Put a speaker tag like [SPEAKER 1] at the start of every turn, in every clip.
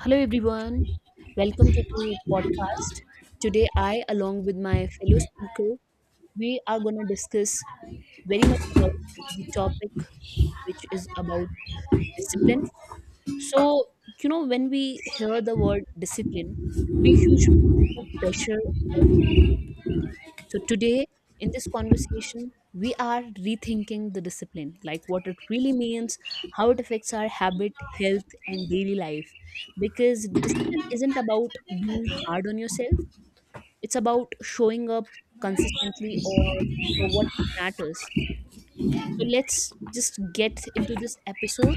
[SPEAKER 1] Hello, everyone. Welcome to the podcast. Today, I, along with my fellow speaker, we are going to discuss very much about the topic, which is about discipline. So, when we hear the word discipline, we usually think of pressure, so today in this conversation, we are rethinking the discipline, like what it really means, how it affects our habit, health, and daily life. Because discipline isn't about being hard on yourself, it's about showing up consistently or for what matters. So, let's just get into this episode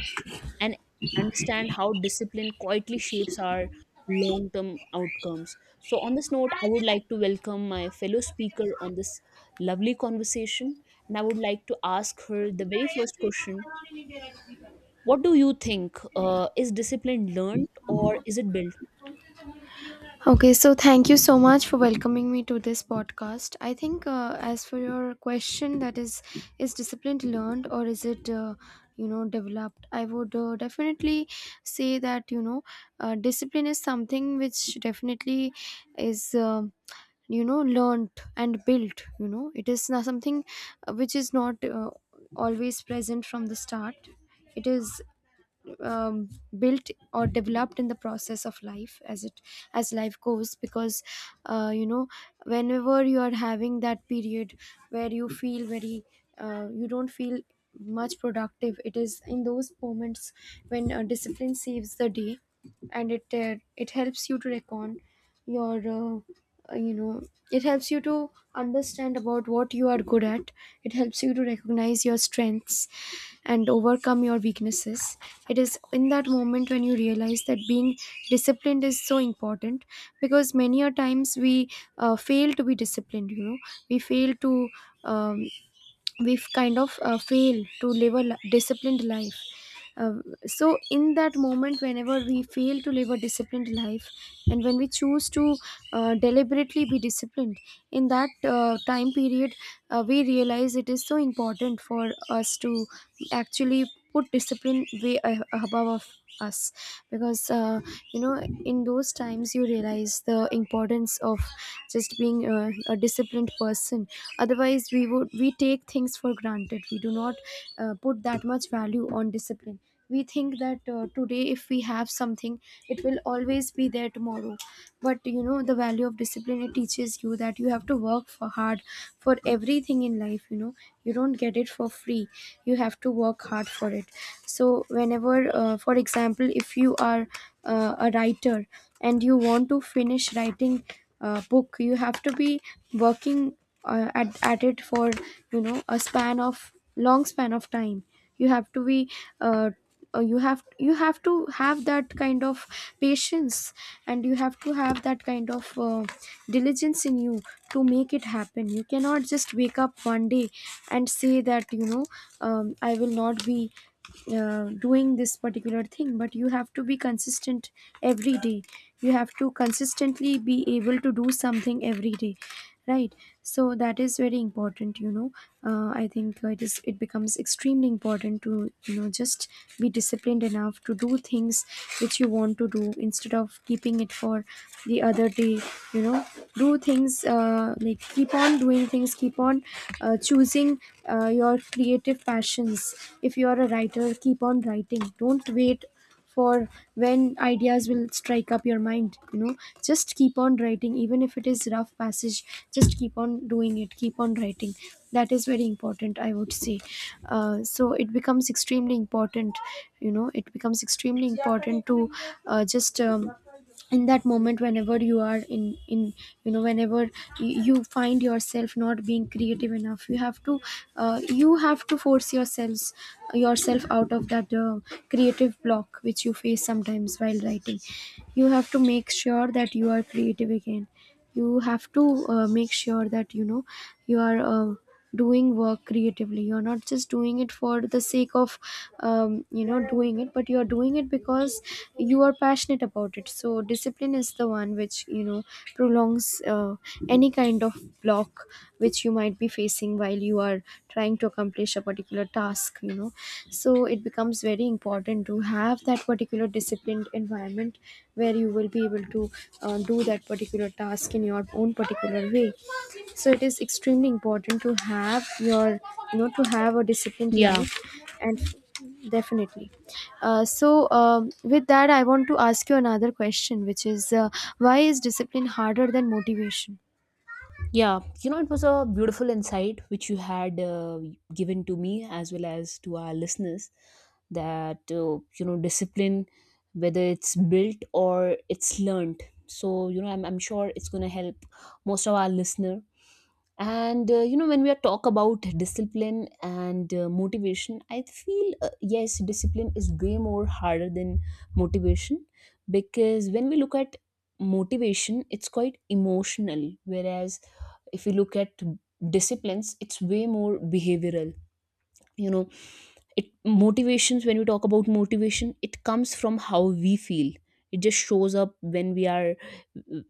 [SPEAKER 1] and understand how discipline quietly shapes our long term outcomes. So, on this note, I would like to welcome my fellow speaker on this lovely conversation. And I would like to ask her the very first question. What do you think? Is discipline learned or is it built?
[SPEAKER 2] Okay, so thank you so much for welcoming me to this podcast. I think, as for your question, that is discipline learned or is it, you know, developed? I would definitely say that discipline is something which definitely is learnt and built. You know, it is not something which is not always present from the start. It is um, built or developed in the process of life as it as life goes, because uh, you know whenever you are having that period where you feel very you don't feel much productive, it is in those moments when discipline saves the day. And it helps you to reckon your you know it helps you to understand about what you are good at. It helps you to recognize your strengths and overcome your weaknesses. It is in that moment when you realize that being disciplined is so important, because many a times we fail to be disciplined. We fail to, um, we've kind of failed to live a disciplined life. Uh, so in that moment whenever we fail to live a disciplined life, and when we choose to deliberately be disciplined, in that time period, we realize it is so important for us to actually put discipline way above of us. Because you know in those times you realize the importance of just being a disciplined person. Otherwise, we take things for granted. We do not put that much value on discipline. We think that today if we have something, it will always be there tomorrow. But you know, the value of discipline, it teaches you that you have to work for hard for everything in life. You know, you don't get it for free, you have to work hard for it. So whenever, for example, if you are a writer and you want to finish writing a book, you have to be working at it for, you know, a span of long span of time. You have to be uh, you have to have that kind of patience, and you have to have that kind of diligence in you to make it happen. You cannot just wake up one day and say that, you know, I will not be doing this particular thing. But you have to be consistent every day. You have to consistently be able to do something every day, right? So that is very important. You know, I think it is, it becomes extremely important to, you know, just be disciplined enough to do things which you want to do, instead of keeping it for the other day. You know, do things, like keep on doing many things, keep on choosing your creative passions. If you are a writer, keep on writing. Don't wait for when ideas will strike up your mind. You know, just keep on writing, even if it is rough passage. Just keep on doing it, keep on writing. That is very important, I would say. So it becomes extremely important. You know, it becomes extremely important to, just in that moment whenever you are in, you know, whenever you find yourself not being creative enough, you have to force yourselves yourself out of that creative block which you face sometimes while writing. You have to make sure that you are creative again. You have to make sure that, you know, you are doing work creatively. You're not just doing it for the sake of, you know, doing it, but you're doing it because you are passionate about it. So discipline is the one which, you know, prolongs any kind of block which you might be facing while you are trying to accomplish a particular task. You know, so it becomes very important to have that particular disciplined environment where you will be able to do that particular task in your own particular way. So it is extremely important to have your you know to have a disciplined
[SPEAKER 1] Yeah.
[SPEAKER 2] life. And definitely, uh, so with that I want to ask you another question, which is, why is discipline harder than motivation?
[SPEAKER 1] Yeah, it was a beautiful insight which you had given to me as well as to our listeners, that, discipline, whether it's built or it's learned. So, I'm sure it's going to help most of our listener. And, when we are talk about discipline and motivation, I feel, yes, discipline is way more harder than motivation, because when we look at motivation, it's quite emotional, whereas if you look at disciplines, it's way more behavioral. You know it motivations When we talk about motivation, it comes from how we feel. It just shows up when we are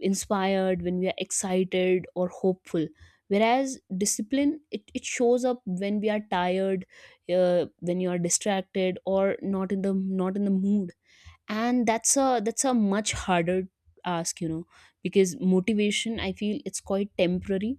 [SPEAKER 1] inspired, when we are excited or hopeful, whereas discipline, it shows up when we are tired, when you are distracted or not in the mood. And that's a much harder ask. Because motivation, I feel it's quite temporary.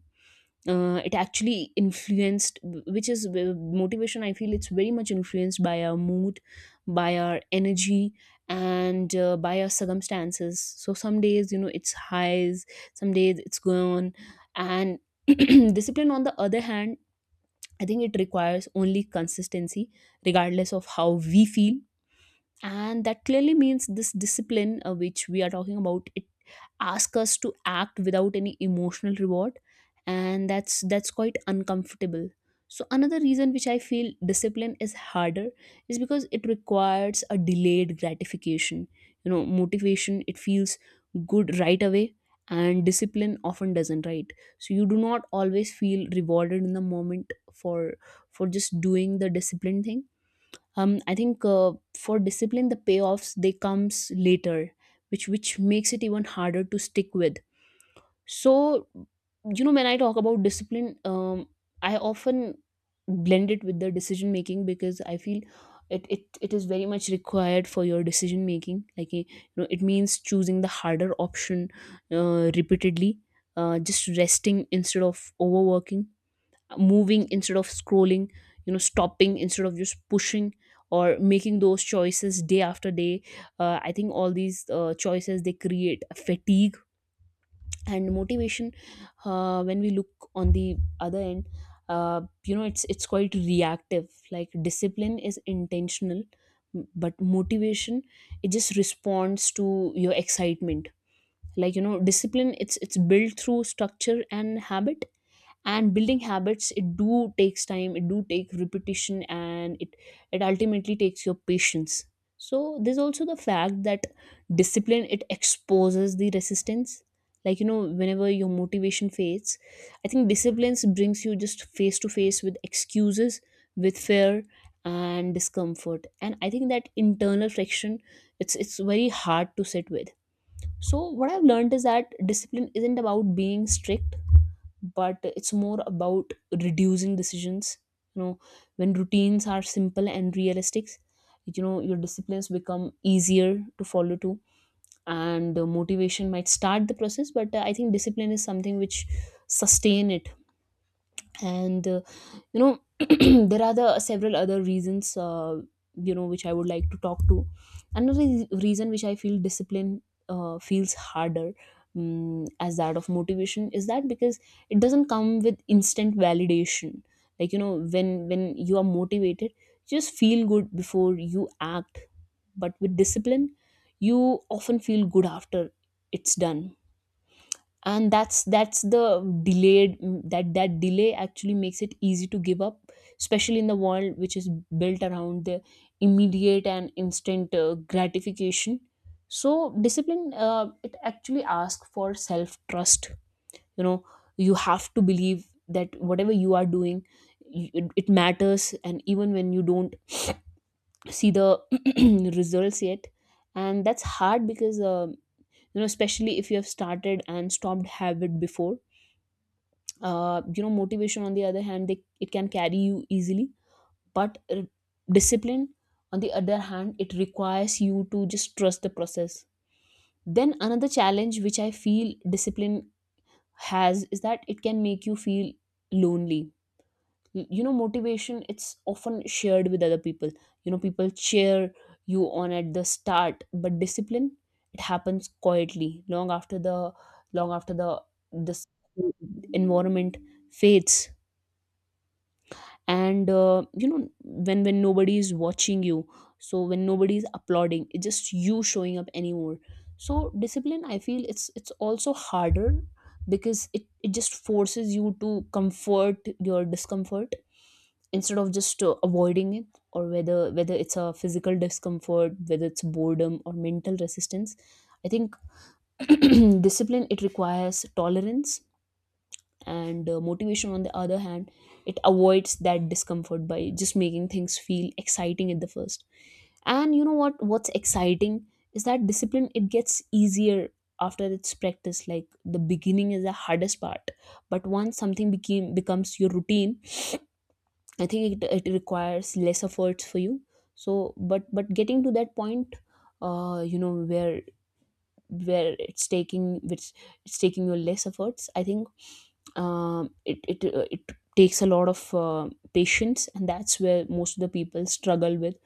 [SPEAKER 1] It actually influenced which is Motivation, I feel it's very much influenced by our mood, by our energy, and by our circumstances. So some days, it's highs, some days it's gone. And discipline on the other hand, I think it requires only consistency regardless of how we feel. And that clearly means this discipline, which we are talking about, it asks us to act without any emotional reward. And that's quite uncomfortable. So another reason which I feel discipline is harder is because it requires a delayed gratification. Motivation, it feels good right away, and discipline often doesn't, right? So you do not always feel rewarded in the moment for just doing the discipline thing. I think, for discipline, the payoffs they comes later, which makes it even harder to stick with. So, when I talk about discipline, I often blend it with the decision making because I feel it is very much required for your decision making. Like, it means choosing the harder option, repeatedly, just resting instead of overworking, moving instead of scrolling, stopping instead of just pushing, or making those choices day after day. I think all these choices they create fatigue. And motivation, when we look on the other end, it's quite reactive. Like, discipline is intentional, but motivation, it just responds to your excitement. Like, discipline, it's built through structure and habit. And building habits, it do takes time, it do take repetition, and it ultimately takes your patience. So there's also the fact that discipline, it exposes the resistance. Like, whenever your motivation fades, I think discipline brings you just face to face with excuses, with fear, and discomfort. And I think that internal friction, it's very hard to sit with. So what I've learned is that discipline isn't about being strict, but it's more about reducing decisions. you know when routines are simple and realistic, your disciplines become easier to follow too. And motivation might start the process, but I think discipline is something which sustain it. And you know there are the several other reasons, which I would like to talk to. Another reason which I feel discipline feels harder, as that of motivation, is that because it doesn't come with instant validation. Like, when you are motivated, you just feel good before you act. But with discipline, you often feel good after it's done. And that's the delayed that that delay actually makes it easy to give up, especially in the world which is built around the immediate and instant gratification. So discipline, it actually asks for self trust. you know you have to believe that whatever you are doing, it matters, and even when you don't see the results yet. And that's hard because especially if you have started and stopped habit before. Motivation on the other hand, they it can carry you easily. But discipline on the other hand, it requires you to just trust the process. Then another challenge which I feel discipline has is that it can make you feel lonely. Motivation, it's often shared with other people. People cheer you on at the start, but discipline, it happens quietly, long after the this environment fades. And when nobody is watching you, so when nobody is applauding, it's just you showing up anymore. So discipline, I feel it's also harder because it just forces you to comfort your discomfort instead of just avoiding it, or whether it's a physical discomfort, whether it's boredom or mental resistance. I think discipline, it requires tolerance. And motivation on the other hand, it avoids that discomfort by just making things feel exciting at the first. And what's exciting is that discipline, it gets easier after it's practiced. Like, the beginning is the hardest part, but once something became becomes your routine, I think it requires less efforts for you. So but getting to that point, uh you know where where it's taking, which it's taking your less efforts, I think it takes a lot of patience. And that's where most of the people struggle with.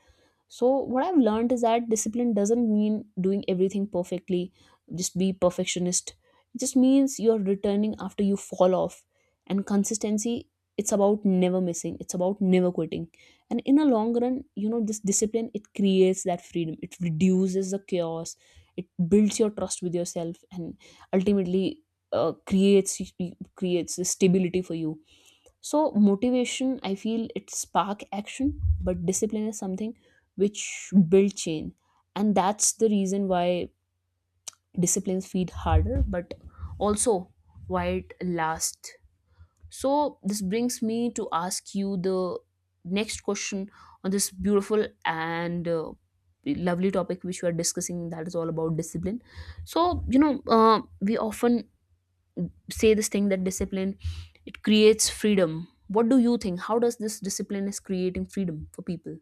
[SPEAKER 1] So, what I've learned is that discipline doesn't mean doing everything perfectly, just be perfectionist. It just means you're returning after you fall off. And consistency, it's about never missing, it's about never quitting. And in a long run, this discipline, it creates that freedom, it reduces the chaos, it builds your trust with yourself, and ultimately creates the stability for you. So motivation, I feel it spark action, but discipline is something which build change, and that's the reason why disciplines feed harder, but also why it lasts. So this brings me to ask you the next question on this beautiful and lovely topic which we are discussing, that is all about discipline. So we often say this thing that discipline, it creates freedom. What do you think? How does this discipline is creating freedom for people?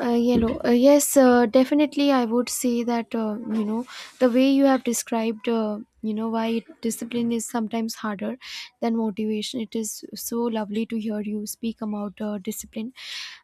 [SPEAKER 2] Yellow. Yes, definitely. I would say that, you know, the way you have described, you know, why discipline is sometimes harder than motivation. It is so lovely to hear you speak about discipline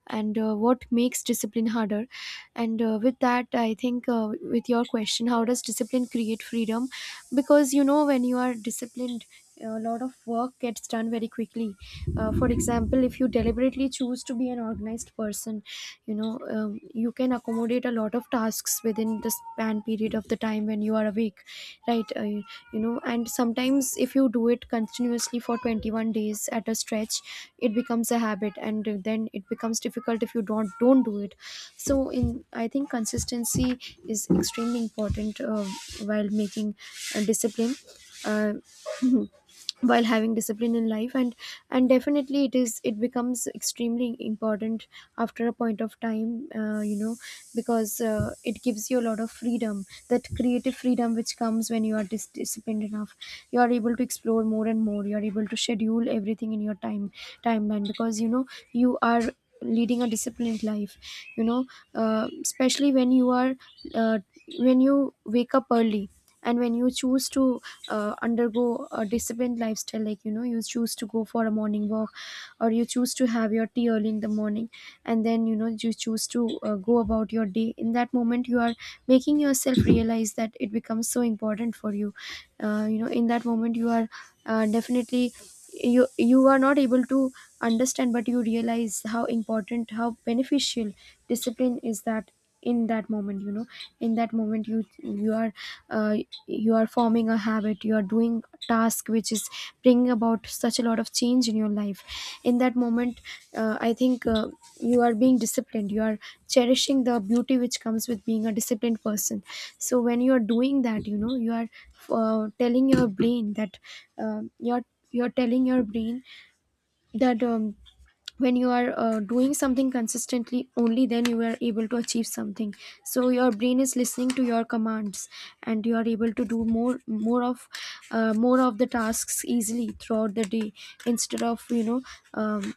[SPEAKER 2] and what makes discipline harder. And with that, I think, with your question, how does discipline create freedom? Because you know, when you are disciplined, a lot of work gets done very quickly. For example, if you deliberately choose to be an organized person, you know, you can accommodate a lot of tasks within the span period of the time when you are awake. Right? You know, and sometimes if you do it continuously for 21 days at a stretch, it becomes a habit, and then it becomes difficult if you don't do it. So, in I think consistency is extremely important, while making a discipline, uh, while having discipline in life. And definitely it is, it becomes extremely important after a point of time. You know, because it gives you a lot of freedom, that creative freedom which comes when you are disciplined enough. You are able to explore more and more. You are able to schedule everything in your timeline, because you know you are leading a disciplined life. You know, especially when you are, uh, when you wake up early, and when you choose to undergo a disciplined lifestyle, like you know, you choose to go for a morning walk, or you choose to have your tea early in the morning, and then you know, you choose to go about your day. In that moment, you are making yourself realize that it becomes so important for you. You know, in that moment, you are definitely, you are not able to understand, but you realize how important, how beneficial discipline is, that in that moment, you know, in that moment, you are uh, you are forming a habit. You are doing a task which is bringing about such a lot of change in your life. In that moment, I think, you are being disciplined. You are cherishing the beauty which comes with being a disciplined person. So when you are doing that, you know, you are telling your brain that, um you're you're telling your brain that, when you are doing something consistently, only then you are able to achieve something. So your brain is listening to your commands, and you are able to do more of the tasks easily throughout the day, instead of, you know, um,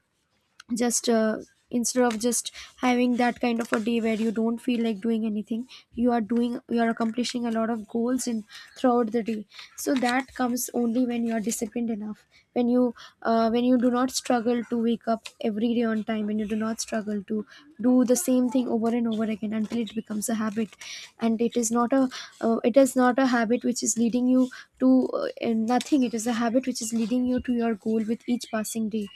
[SPEAKER 2] just instead of just having that kind of a day where you don't feel like doing anything. You are doing, you are accomplishing a lot of goals in throughout the day. So that comes only when you are disciplined enough, when you when you do not struggle to wake up every day on time, when you do not struggle to do the same thing over and over again until it becomes a habit. And it is not a, it is not a habit which is leading you to nothing. It is a habit which is leading you to your goal with each passing day.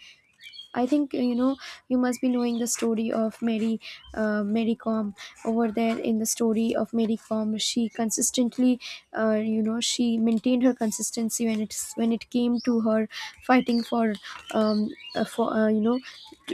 [SPEAKER 2] I think, you know, you must be knowing the story of Mary, Mary Com. Over there in the story of Mary Com, She consistently, she maintained her consistency when it came to her fighting um, for you know,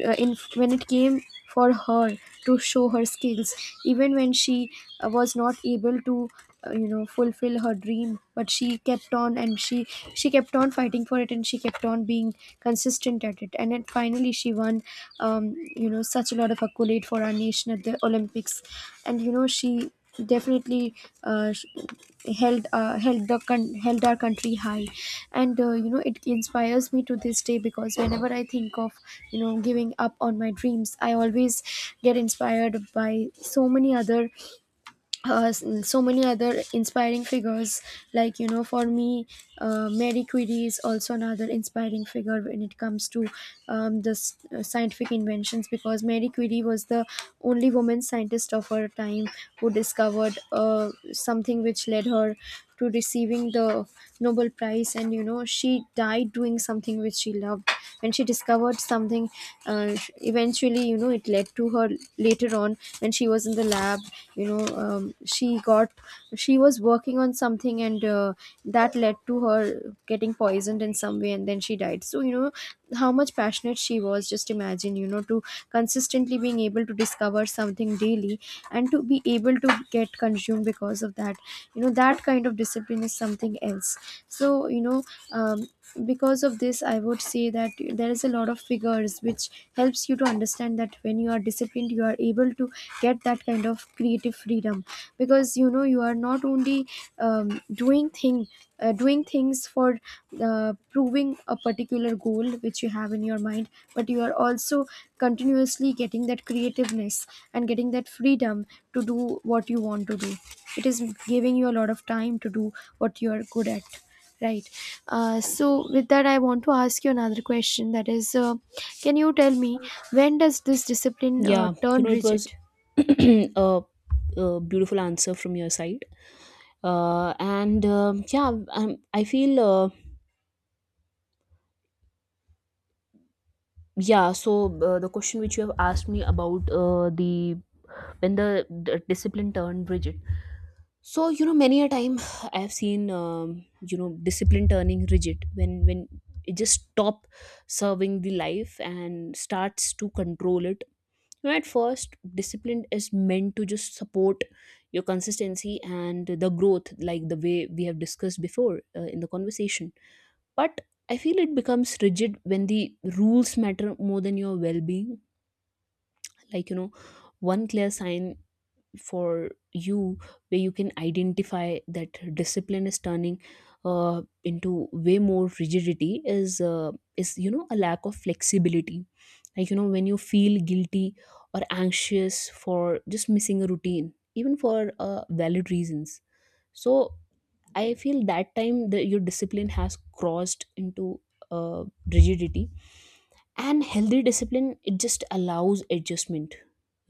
[SPEAKER 2] in when it came for her to show her skills even when she was not able to fulfill her dream, but she kept on and she kept on fighting for it, and she kept on being consistent at it, and then finally she won you know, such a lot of accolade for our nation at the Olympics. And you know, she definitely uh, sh- held held held our country high. And it inspires me to this day, because whenever I think of you know giving up on my dreams, I always get inspired by so many other so many other inspiring figures. Like you know, for me, Mary Curie is also another inspiring figure when it comes to scientific inventions, because Mary Curie was the only woman scientist of her time who discovered something which led her to receiving the Nobel Prize. And you know, she died doing something which she loved, and she discovered something. Eventually, you know, it led to her later on when she was in the lab. You know, she was working on something, and that led to her getting poisoned in some way, and then she died. So you know how much passionate she was, just imagine, you know, to consistently being able to discover something daily and to be able to get consumed because of that. You know, that kind of discipline is something else. So you know, um, because of this, I would say that there is a lot of figures which helps you to understand that when you are disciplined, you are able to get that kind of creative freedom. Because you know, you are not only um, doing thing doing things for proving a particular goal which you have in your mind, but you are also continuously getting that creativeness and getting that freedom to do what you want to do. It is giving you a lot of time to do what you are good at, right? So with that, I want to ask you another question, that is, can you tell me, when does this discipline
[SPEAKER 1] Yeah,
[SPEAKER 2] turn
[SPEAKER 1] it was
[SPEAKER 2] rigid?
[SPEAKER 1] a beautiful answer from your side. And yeah, um, I feel, yeah, so the question which you have asked me about the when the discipline turned rigid. So many a time I have seen, discipline turning rigid when it just stop serving the life and starts to control it. At first, discipline is meant to just support your consistency and the growth, like the way we have discussed before, in the conversation. But I feel it becomes rigid when the rules matter more than your well-being. Like, one clear sign for you where you can identify that discipline is turning into way more rigidity is a lack of flexibility. Like, when you feel guilty or anxious for just missing a routine even for valid reasons. So I feel that time that your discipline has crossed into uh, rigidity. And healthy discipline, it just allows adjustment.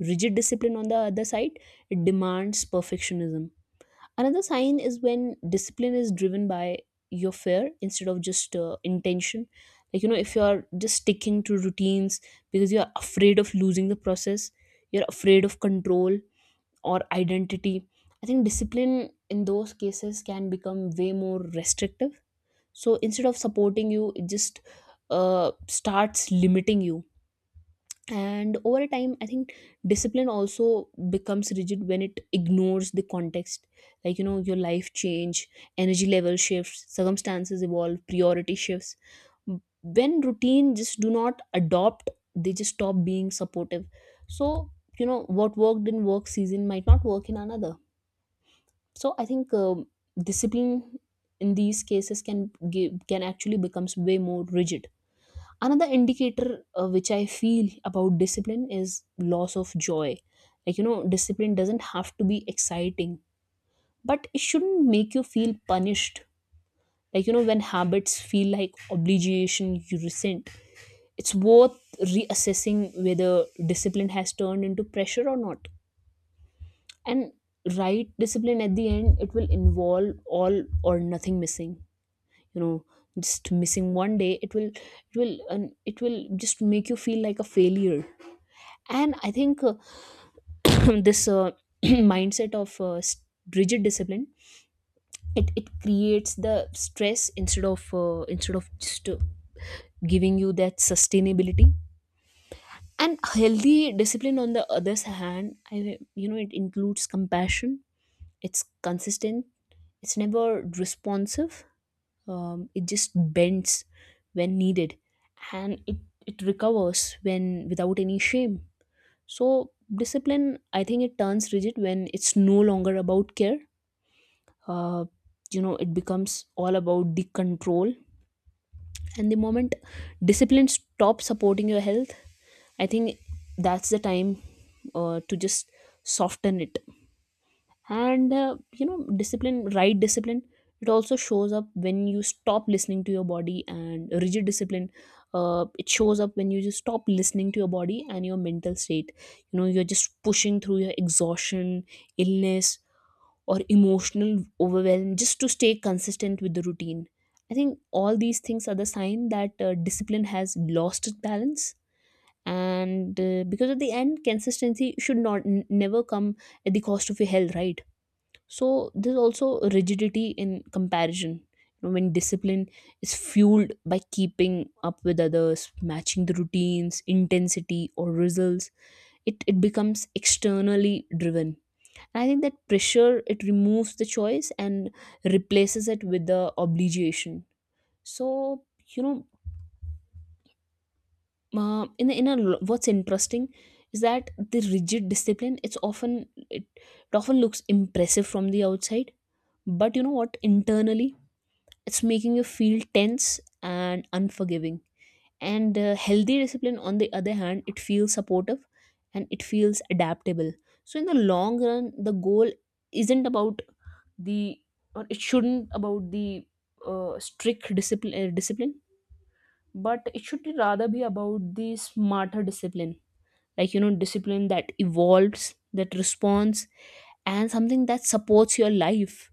[SPEAKER 1] Rigid discipline on the other side, it demands perfectionism. Another sign is when discipline is driven by your fear instead of just intention. Like, if you're just sticking to routines because you're afraid of losing the process, you're afraid of control or identity, I think discipline in those cases can become way more restrictive. So instead of supporting you, it just starts limiting you. And over a time, I think discipline also becomes rigid when it ignores the context. Like, your life change, energy level shifts, circumstances evolve, priority shifts. When routine just do not adopt, they just stop being supportive. So, you know, what worked in work season might not work in another. So I think discipline in these cases can actually becomes way more rigid. Another indicator, which I feel about discipline, is loss of joy. Like, you know, discipline doesn't have to be exciting, but it shouldn't make you feel punished. Like, you know, when habits feel like obligation you resent, it's worth reassessing whether discipline has turned into pressure or not. And right discipline at the end, it will involve all or nothing missing, you know. Just missing one day, it will and it will just make you feel like a failure. And I think this mindset of rigid discipline, it creates the stress instead of instead of just giving you that sustainability. And healthy discipline, on the other hand, I, you know, it includes compassion. It's consistent. It's never responsive. Um, it just bends when needed, and it recovers when without any shame. So, discipline, I think it turns rigid when it's no longer about care. Uh, you know, it becomes all about the control. And the moment discipline stops supporting your health, I think that's the time to just soften it. And, you know, discipline, right, discipline, it also shows up when you stop listening to your body. And rigid discipline, it shows up when you just stop listening to your body and your mental state. You know, you're just pushing through your exhaustion, illness, or emotional overwhelm just to stay consistent with the routine. I think all these things are the sign that discipline has lost its balance. And because at the end, consistency should not n- never come at the cost of your health, right? So there's also rigidity in comparison, you know, when discipline is fueled by keeping up with others, matching the routines intensity or results, it becomes externally driven. And I think that pressure, it removes the choice and replaces it with the obligation. So, you know, in a what's interesting is that the rigid discipline, it's often, it often looks impressive from the outside. But you know what, internally, it's making you feel tense and unforgiving. And healthy discipline, on the other hand, it feels supportive and it feels adaptable. So in the long run, the goal isn't about the, or it shouldn't about the strict discipline discipline, but it should be rather be about the smarter discipline, like you know, discipline that evolves, that responds, and something that supports your life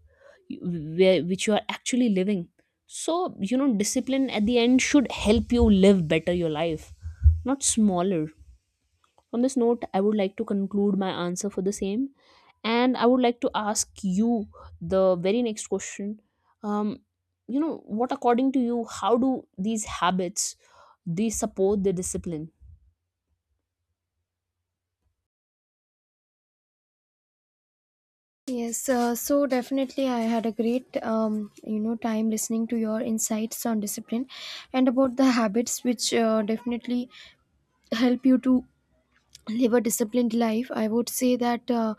[SPEAKER 1] where which you are actually living. So, you know, discipline at the end should help you live better your life, not smaller. On this note, I would like to conclude my answer for the same, and I would like to ask you the very next question. um you know, what according to you, how do these habits, they support the discipline?
[SPEAKER 2] Yes, so definitely I had a great you know, time listening to your insights on discipline and about the habits which definitely help you to live a disciplined life. I would say that uh,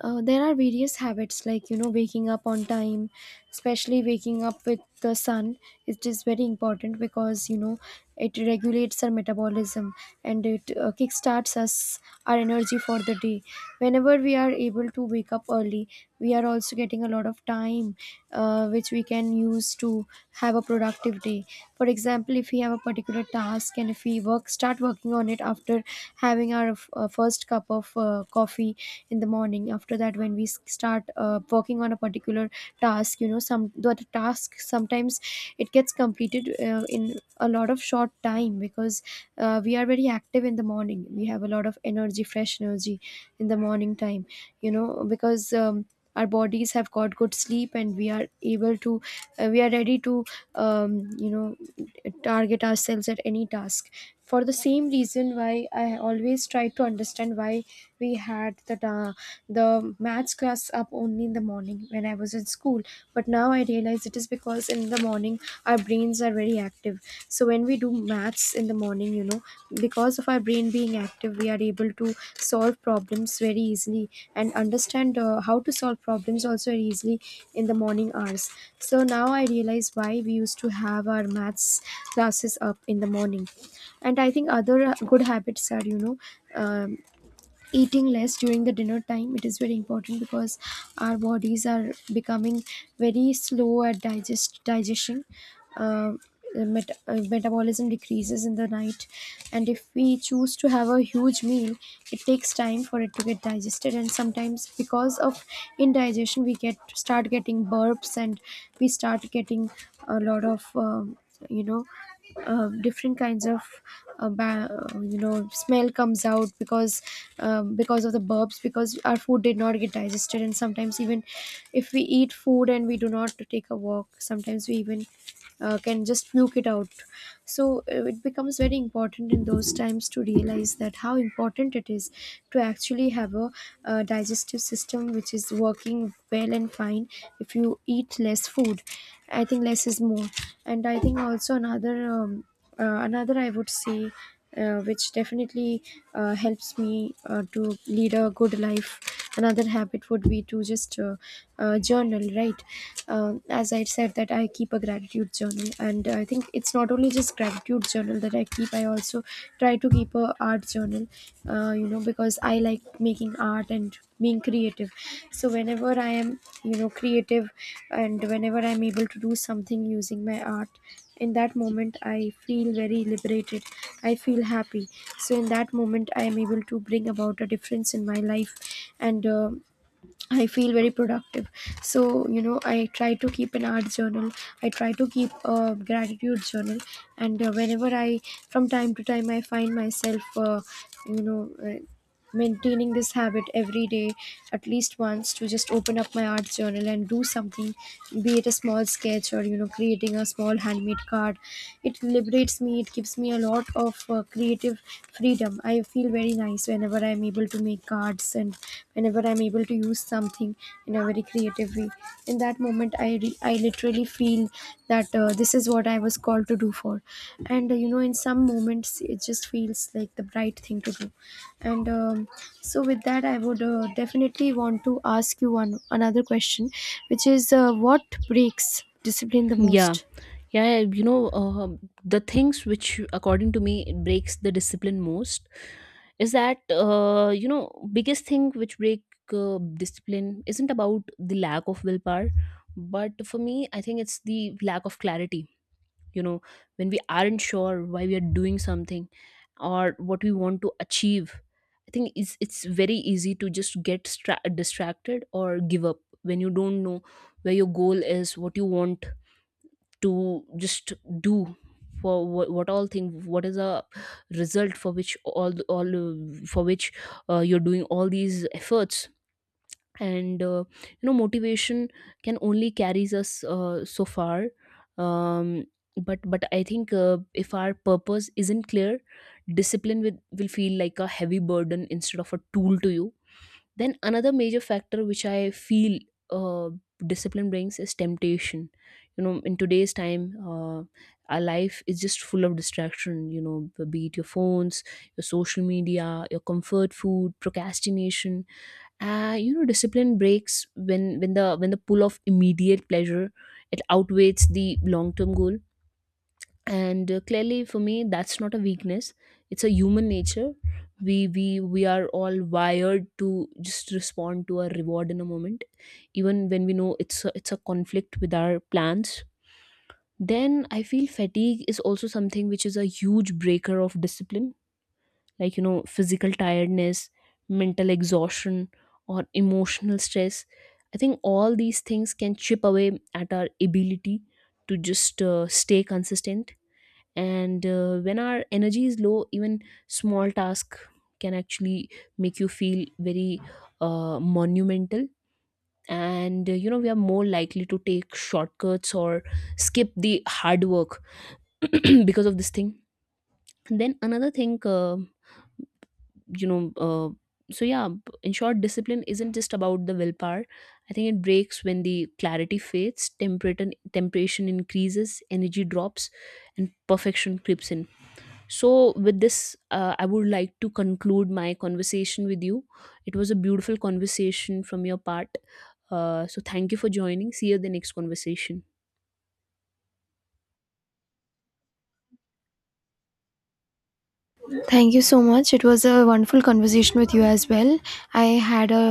[SPEAKER 2] uh, there are various habits, like you know, waking up on time, especially waking up with the sun. It is very important because you know, it regulates our metabolism, and it kickstarts us our energy for the day. Whenever we are able to wake up early, we are also getting a lot of time which we can use to have a productive day. For example, if we have a particular task and if we work start working on it after having our first cup of coffee in the morning, after that when we start working on a particular task, you know, some the task sometimes, it gets completed in a lot of short time, because we are very active in the morning, we have a lot of energy, fresh energy in the morning time. You know, because our bodies have got good sleep and we are able to, we are ready to you know, target ourselves at any task. For the same reason why I always try to understand why we had the maths class up only in the morning when I was in school, but now I realize it is because in the morning our brains are very, very active. So when we do maths in the morning, you know, because of our brain being active, we are able to solve problems very easily and understand how to solve problems also very easily in the morning hours. So now I realize why we used to have our maths classes up in the morning. And I think other good habits are, you know, um, eating less during the dinner time. It is very important because our bodies are becoming very slow at digestion. uh, Metabolism decreases in the night, and if we choose to have a huge meal, it takes time for it to get digested, and sometimes because of indigestion, we get start getting burps, and we start getting a lot of um, you know, different kinds of you know, smell comes out because of the burps, because our food did not get digested. And sometimes even if we eat food and we do not take a walk, sometimes we even can just puke it out. So it becomes very important in those times to realize that how important it is to actually have a digestive system which is working well and fine. If you eat less food, I think less is more. And I think also another another, I would say, which definitely helps me to lead a good life, another habit would be to just journal, right? As I said that I keep a gratitude journal, and I think it's not only just gratitude journal that I keep, I also try to keep a art journal, you know, because I like making art and being creative. So whenever I am, you know, creative, and whenever I'm able to do something using my art, in that moment I feel very liberated, I feel happy. So in that moment I am able to bring about a difference in my life, and I feel very productive. So, you know, I try to keep an art journal. I try to keep a gratitude journal. And whenever I, from time to time, I find myself, you know, uh, maintaining this habit every day, at least once, to just open up my art journal and do something, be it a small sketch or, you know, creating a small handmade card. It liberates me, it gives me a lot of creative freedom. I feel very nice whenever I'm able to make cards and whenever I'm able to use something in a very creative way. In that moment, I literally feel that this is what I was called to do for. And you know, in some moments it just feels like the right thing to do. And so with that, I would definitely want to ask you one another question, which is what breaks discipline the
[SPEAKER 1] Yeah.
[SPEAKER 2] most?
[SPEAKER 1] Yeah, yeah, you know, the things which, according to me, it breaks the discipline most is that, you know, biggest thing which break discipline isn't about the lack of willpower, but for me, I think it's the lack of clarity. You know, when we aren't sure why we are doing something or what we want to achieve, I think it's very easy to just get distracted or give up when you don't know where your goal is, what you want to just do, for what, all thing, what is a result for which all for which you're doing all these efforts. And you know, motivation can only carries us so far. um, but I think if our purpose isn't clear, discipline will feel like a heavy burden instead of a tool to you. Then another major factor which I feel, uh, discipline brings, is temptation. You know, in today's time, our life is just full of distraction. You know, be it your phones, your social media, your comfort food, procrastination. You know, discipline breaks when when the pull of immediate pleasure, it outweighs the long term goal. And clearly for me, that's not a weakness, it's a human nature. We are all wired to just respond to a reward in a moment, even when we know it's a conflict with our plans. Then I feel fatigue is also something which is a huge breaker of discipline. Like, you know, physical tiredness, mental exhaustion, or emotional stress, I think all these things can chip away at our ability to just stay consistent. And when our energy is low, even small task can actually make you feel very monumental. And you know, we are more likely to take shortcuts or skip the hard work because of this thing. Then another thing, you know, so yeah, in short, discipline isn't just about the willpower. I think it breaks when the clarity fades, temperature temptation increases, energy drops, and perfection creeps in. So, with this, I would like to conclude my conversation with you. It was a beautiful conversation from your part. So, thank you for joining. See you at the next conversation.
[SPEAKER 2] Thank you so much, it was a wonderful conversation with you as well. I had a